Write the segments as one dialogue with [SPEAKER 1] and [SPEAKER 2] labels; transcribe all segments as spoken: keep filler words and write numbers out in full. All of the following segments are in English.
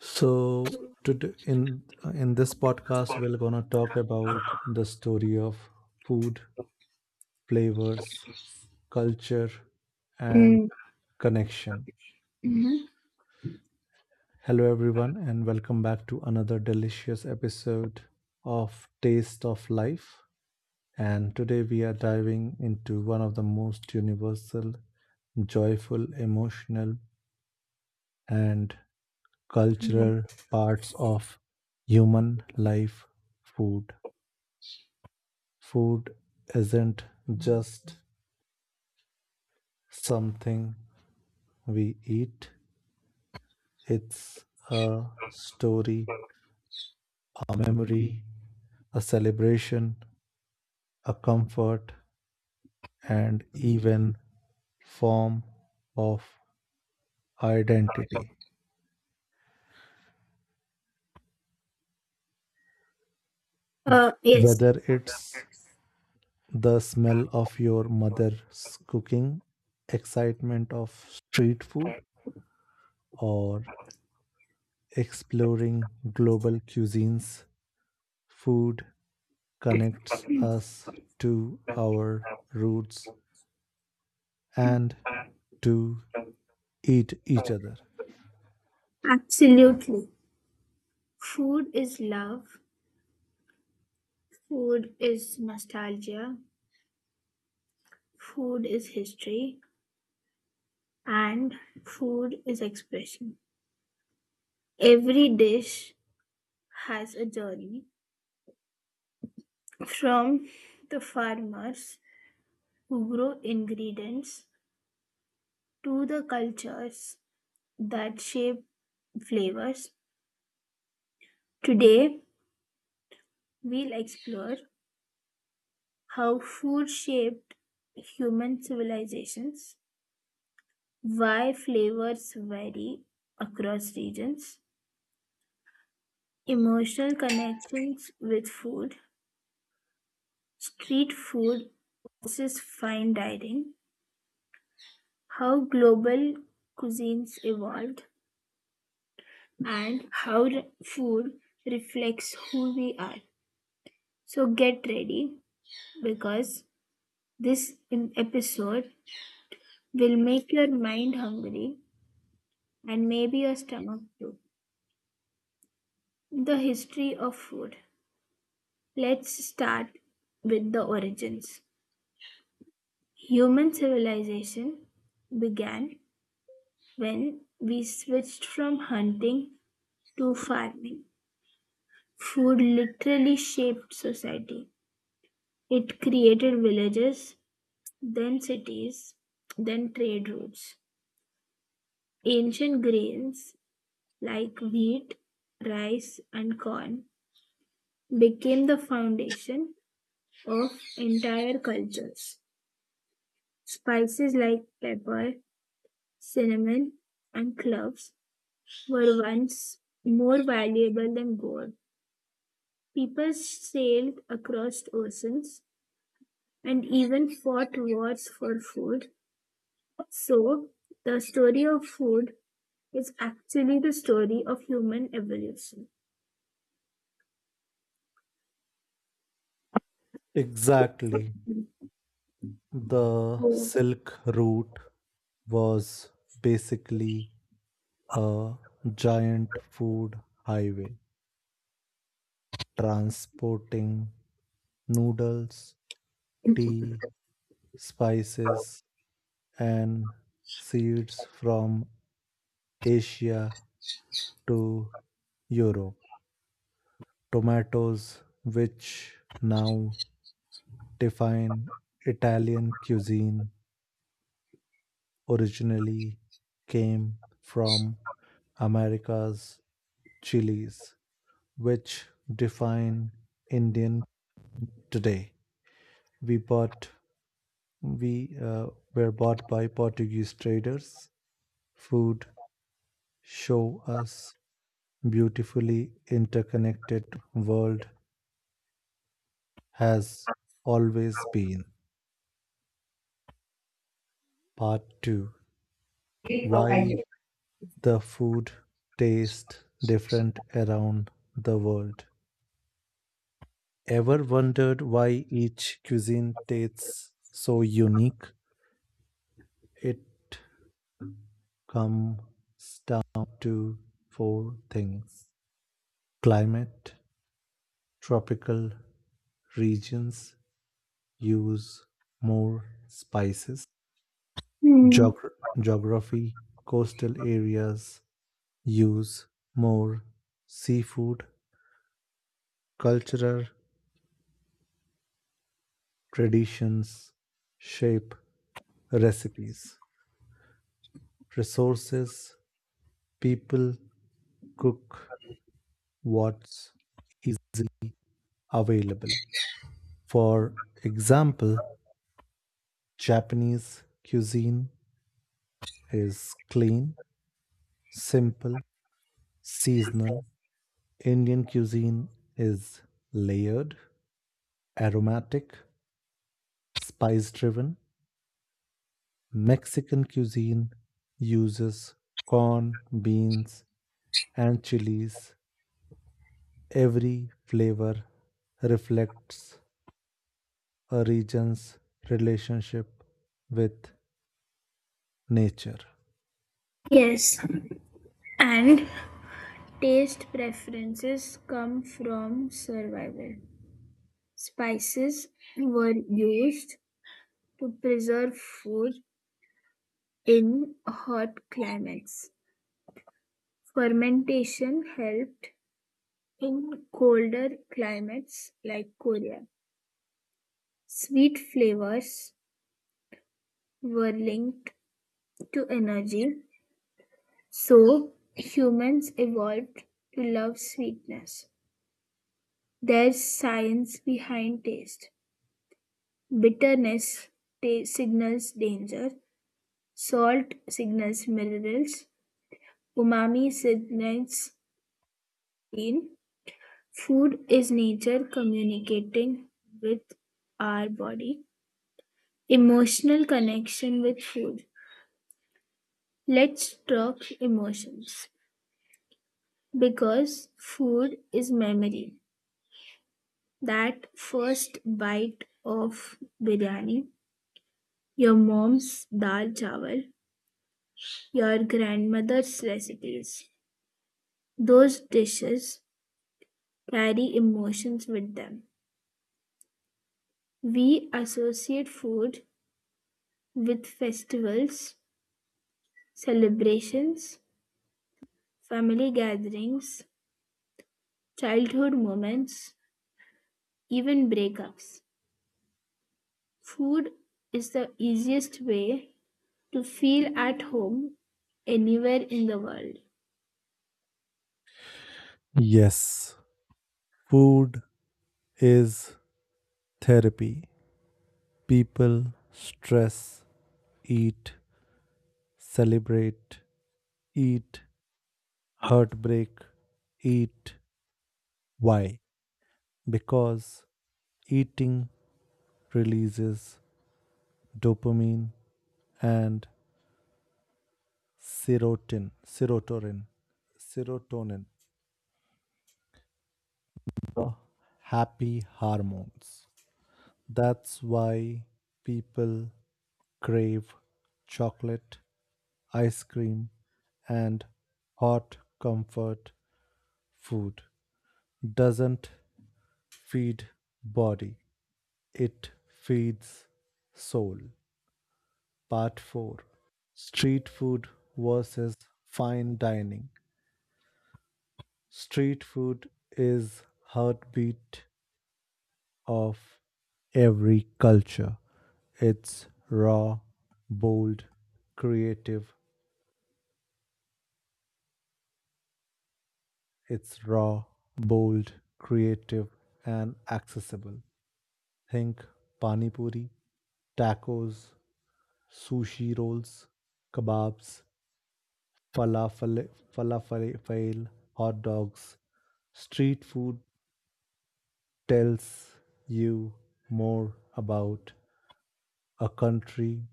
[SPEAKER 1] So today in in this podcast, we're gonna talk about the story of food, flavors, culture, and
[SPEAKER 2] Mm.
[SPEAKER 1] connection.
[SPEAKER 2] Mhm.
[SPEAKER 1] Hello, everyone, and welcome back to another delicious episode of Taste of Life. And today we are diving into one of the most universal, joyful, emotional, and cultural parts of human life food. Food isn't just something we eat, it's a story, a memory, a celebration, a comfort, and even form of identity.
[SPEAKER 2] Uh, yes,
[SPEAKER 1] Whether it's the smell of your mother's cooking, excitement of street food, or exploring global cuisines, food connects us to our roots and to eat each other.
[SPEAKER 2] Absolutely. Food is love, food is nostalgia, food is history, and food is expression. Every dish has a journey from the farmers who grow ingredients to the cultures that shape flavors. Today, we'll explore how food shaped human civilizations, why flavors vary across regions, emotional connections with food, street food versus fine dining, how global cuisines evolved, and how re- food reflects who we are. So get ready because this em- episode will make your mind hungry and maybe your stomach too. The history of food. Let's start with the origins. Human civilization began when we switched from hunting to farming. Food literally shaped society. It created villages, then cities, then trade routes. Ancient grains like wheat, rice, and corn became the foundation of entire cultures. Spices like pepper, cinnamon, and cloves were once more valuable than gold. People sailed across oceans and even fought wars for food. So, the story of food is actually the story of human evolution.
[SPEAKER 1] Exactly. The
[SPEAKER 2] Oh.
[SPEAKER 1] Silk Route was basically a giant food highway transporting noodles, tea, spices, and seeds from Asia to Europe. Tomatoes, which now define Italian cuisine, originally came from America's chilies, which define Indian today. We bought, we uh, were bought by Portuguese traders. Food show us beautifully interconnected world has always been. Part two: why the food tastes different around the world. Ever wondered why each cuisine tastes so unique? It comes down to four things climate, tropical regions use more spices,
[SPEAKER 2] Hmm.
[SPEAKER 1] Geogra- geography, coastal areas use more seafood, cultural traditions shape recipes. Resources, people cook what's is available. For example, Japanese cuisine is clean, simple, seasonal. Indian cuisine is layered, aromatic, spice driven. Mexican cuisine uses corn, beans, and chilies. Every flavor reflects a region's relationship with nature.
[SPEAKER 2] Yes, and taste preferences come from survival. Spices were used to preserve food in hot climates. Fermentation helped in colder climates like Korea. Sweet flavors were linked to energy, so humans evolved to love sweetness. There's science behind taste. Bitterness ta- signals danger, salt signals minerals, umami signals pain. Food is nature communicating with our body. Emotional connection with food. Let's talk emotions because food is memory. That first bite of biryani, your mom's dal chawal, your grandmother's recipes. Those dishes carry emotions with them. We associate food with festivals, celebrations, family gatherings, childhood moments, even breakups, food is the easiest way to feel at home anywhere in the world.
[SPEAKER 1] Yes, food is therapy. People stress, eat, celebrate, eat, heartbreak, eat. Why? Because eating releases dopamine and serotonin, serotonin, serotonin the happy hormones. That's why people crave chocolate, ice cream, and hot comfort food. Doesn't feed body, it feeds soul. Part four, street food versus fine dining. Street food is heartbeat of every culture. It's raw, bold, creative. It's raw, bold, creative, and accessible. Think pani puri, tacos, sushi rolls, kebabs, falafel, falafel, hot dogs. Street food tells you more about a country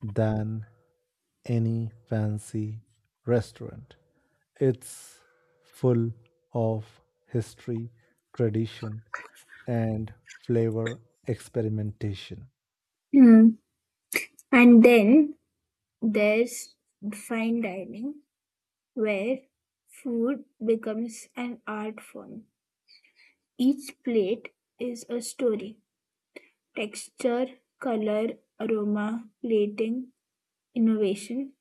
[SPEAKER 1] than any fancy restaurant. It's full of history, tradition, and flavor experimentation.
[SPEAKER 2] Hmm. And then there's fine dining, where food becomes an art form. Each plate is a story: texture, color, aroma, plating, innovation.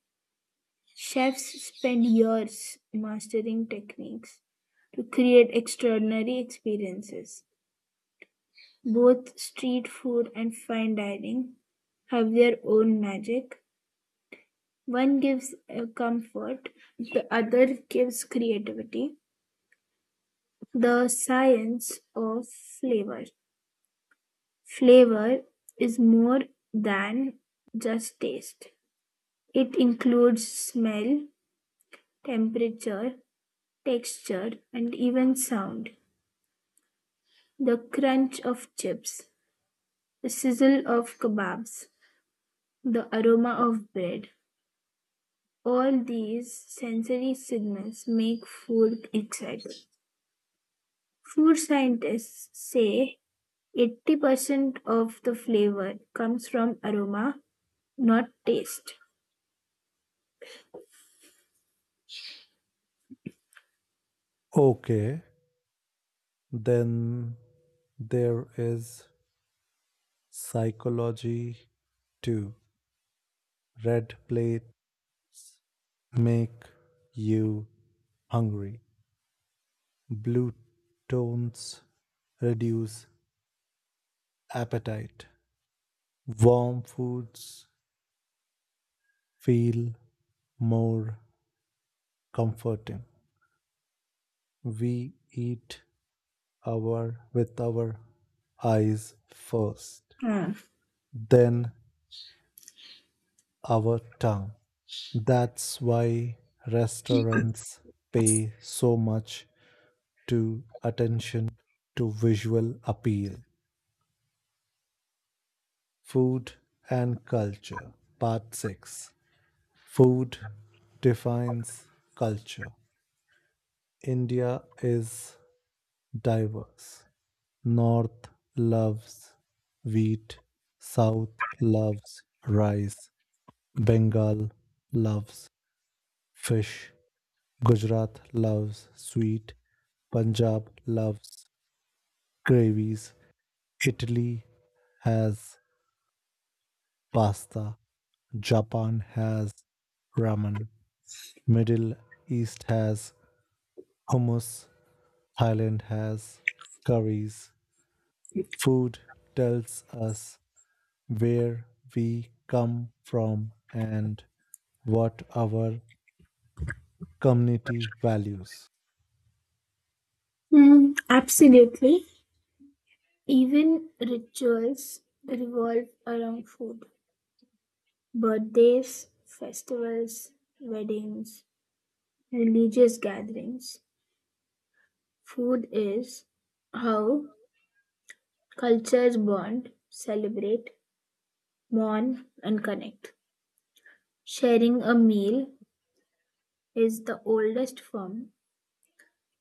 [SPEAKER 2] Chefs spend years mastering techniques to create extraordinary experiences. Both street food and fine dining have their own magic. One gives uh, comfort, the other gives creativity. The science of flavor. Flavor is more than just taste, it includes smell, temperature, texture, and even sound. The crunch of chips, the sizzle of kebabs, the aroma of bread. All these sensory signals make food exciting. Food scientists say eighty percent of the flavor comes from aroma, not taste.
[SPEAKER 1] Okay, then there is psychology too. Red plates make you hungry. Blue tones reduce appetite. Warm foods feel more comforting. We eat our with our eyes first,
[SPEAKER 2] Hmm.
[SPEAKER 1] then our tongue. That's why restaurants pay so much to attention to visual appeal. Food and culture, part six. Food defines culture. India is diverse. North loves wheat, South loves rice, Bengal loves fish. Gujarat loves sweet. Punjab loves gravies. Italy has pasta. Japan has ramen. Middle East has hummus. Thailand has curries. Food tells us where we come from and what our community values.
[SPEAKER 2] Mm, absolutely. Even rituals revolve around food. Birthdays, festivals, weddings, religious gatherings. Food is how cultures bond, celebrate, mourn, and connect. Sharing a meal is the oldest form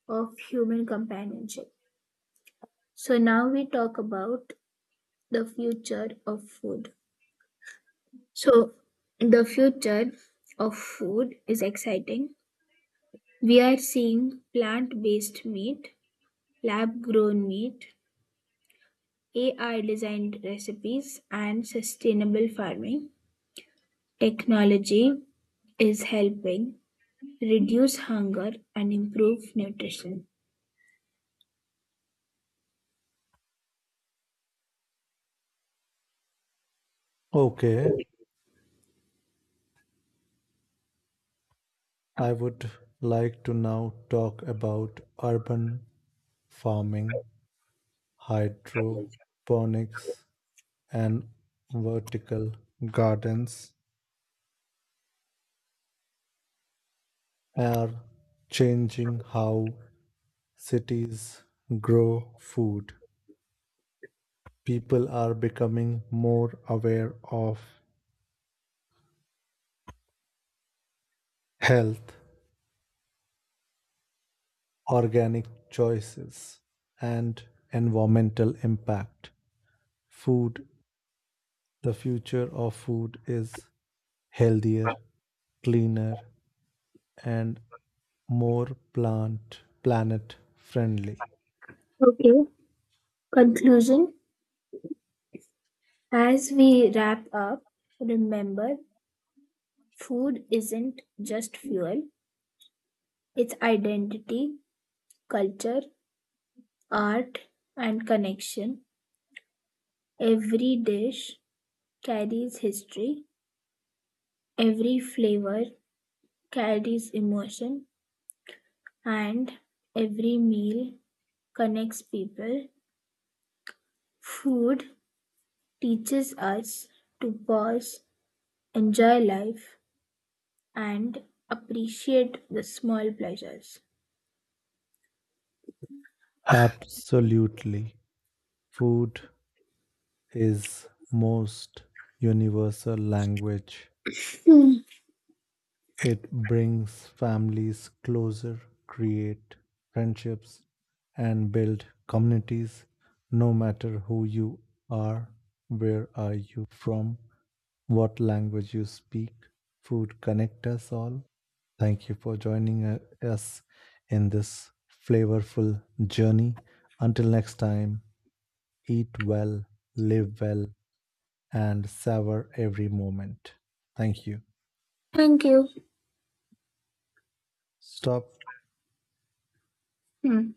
[SPEAKER 2] of human companionship. So, now we talk about the future of food. So, the future of food is exciting. We are seeing plant based meat, lab grown meat, A I designed recipes, and sustainable farming. Technology is helping reduce hunger and improve nutrition.
[SPEAKER 1] Okay, I would like to now talk about urban farming, hydroponics, and vertical gardens are changing how cities grow food. People are becoming more aware of health, organic choices, and environmental impact. Food, the future of food is healthier, cleaner, and more plant planet friendly.
[SPEAKER 2] Okay, conclusion. As we wrap up, remember food isn't just fuel, it's identity, culture, art, and connection. Every dish carries history, every flavor carries emotion, and every meal connects people. Food teaches us to pause, enjoy life, and appreciate the small pleasures.
[SPEAKER 1] Absolutely. Food is most universal language. It brings families closer, create friendships, and build communities no matter who you are, where are you from, what language you speak. Food connect us all. Thank you for joining uh, us in this flavorful journey. Until next time, eat well, live well, and savor every moment. Thank you.
[SPEAKER 2] Thank you.
[SPEAKER 1] Stop.
[SPEAKER 2] Hmm.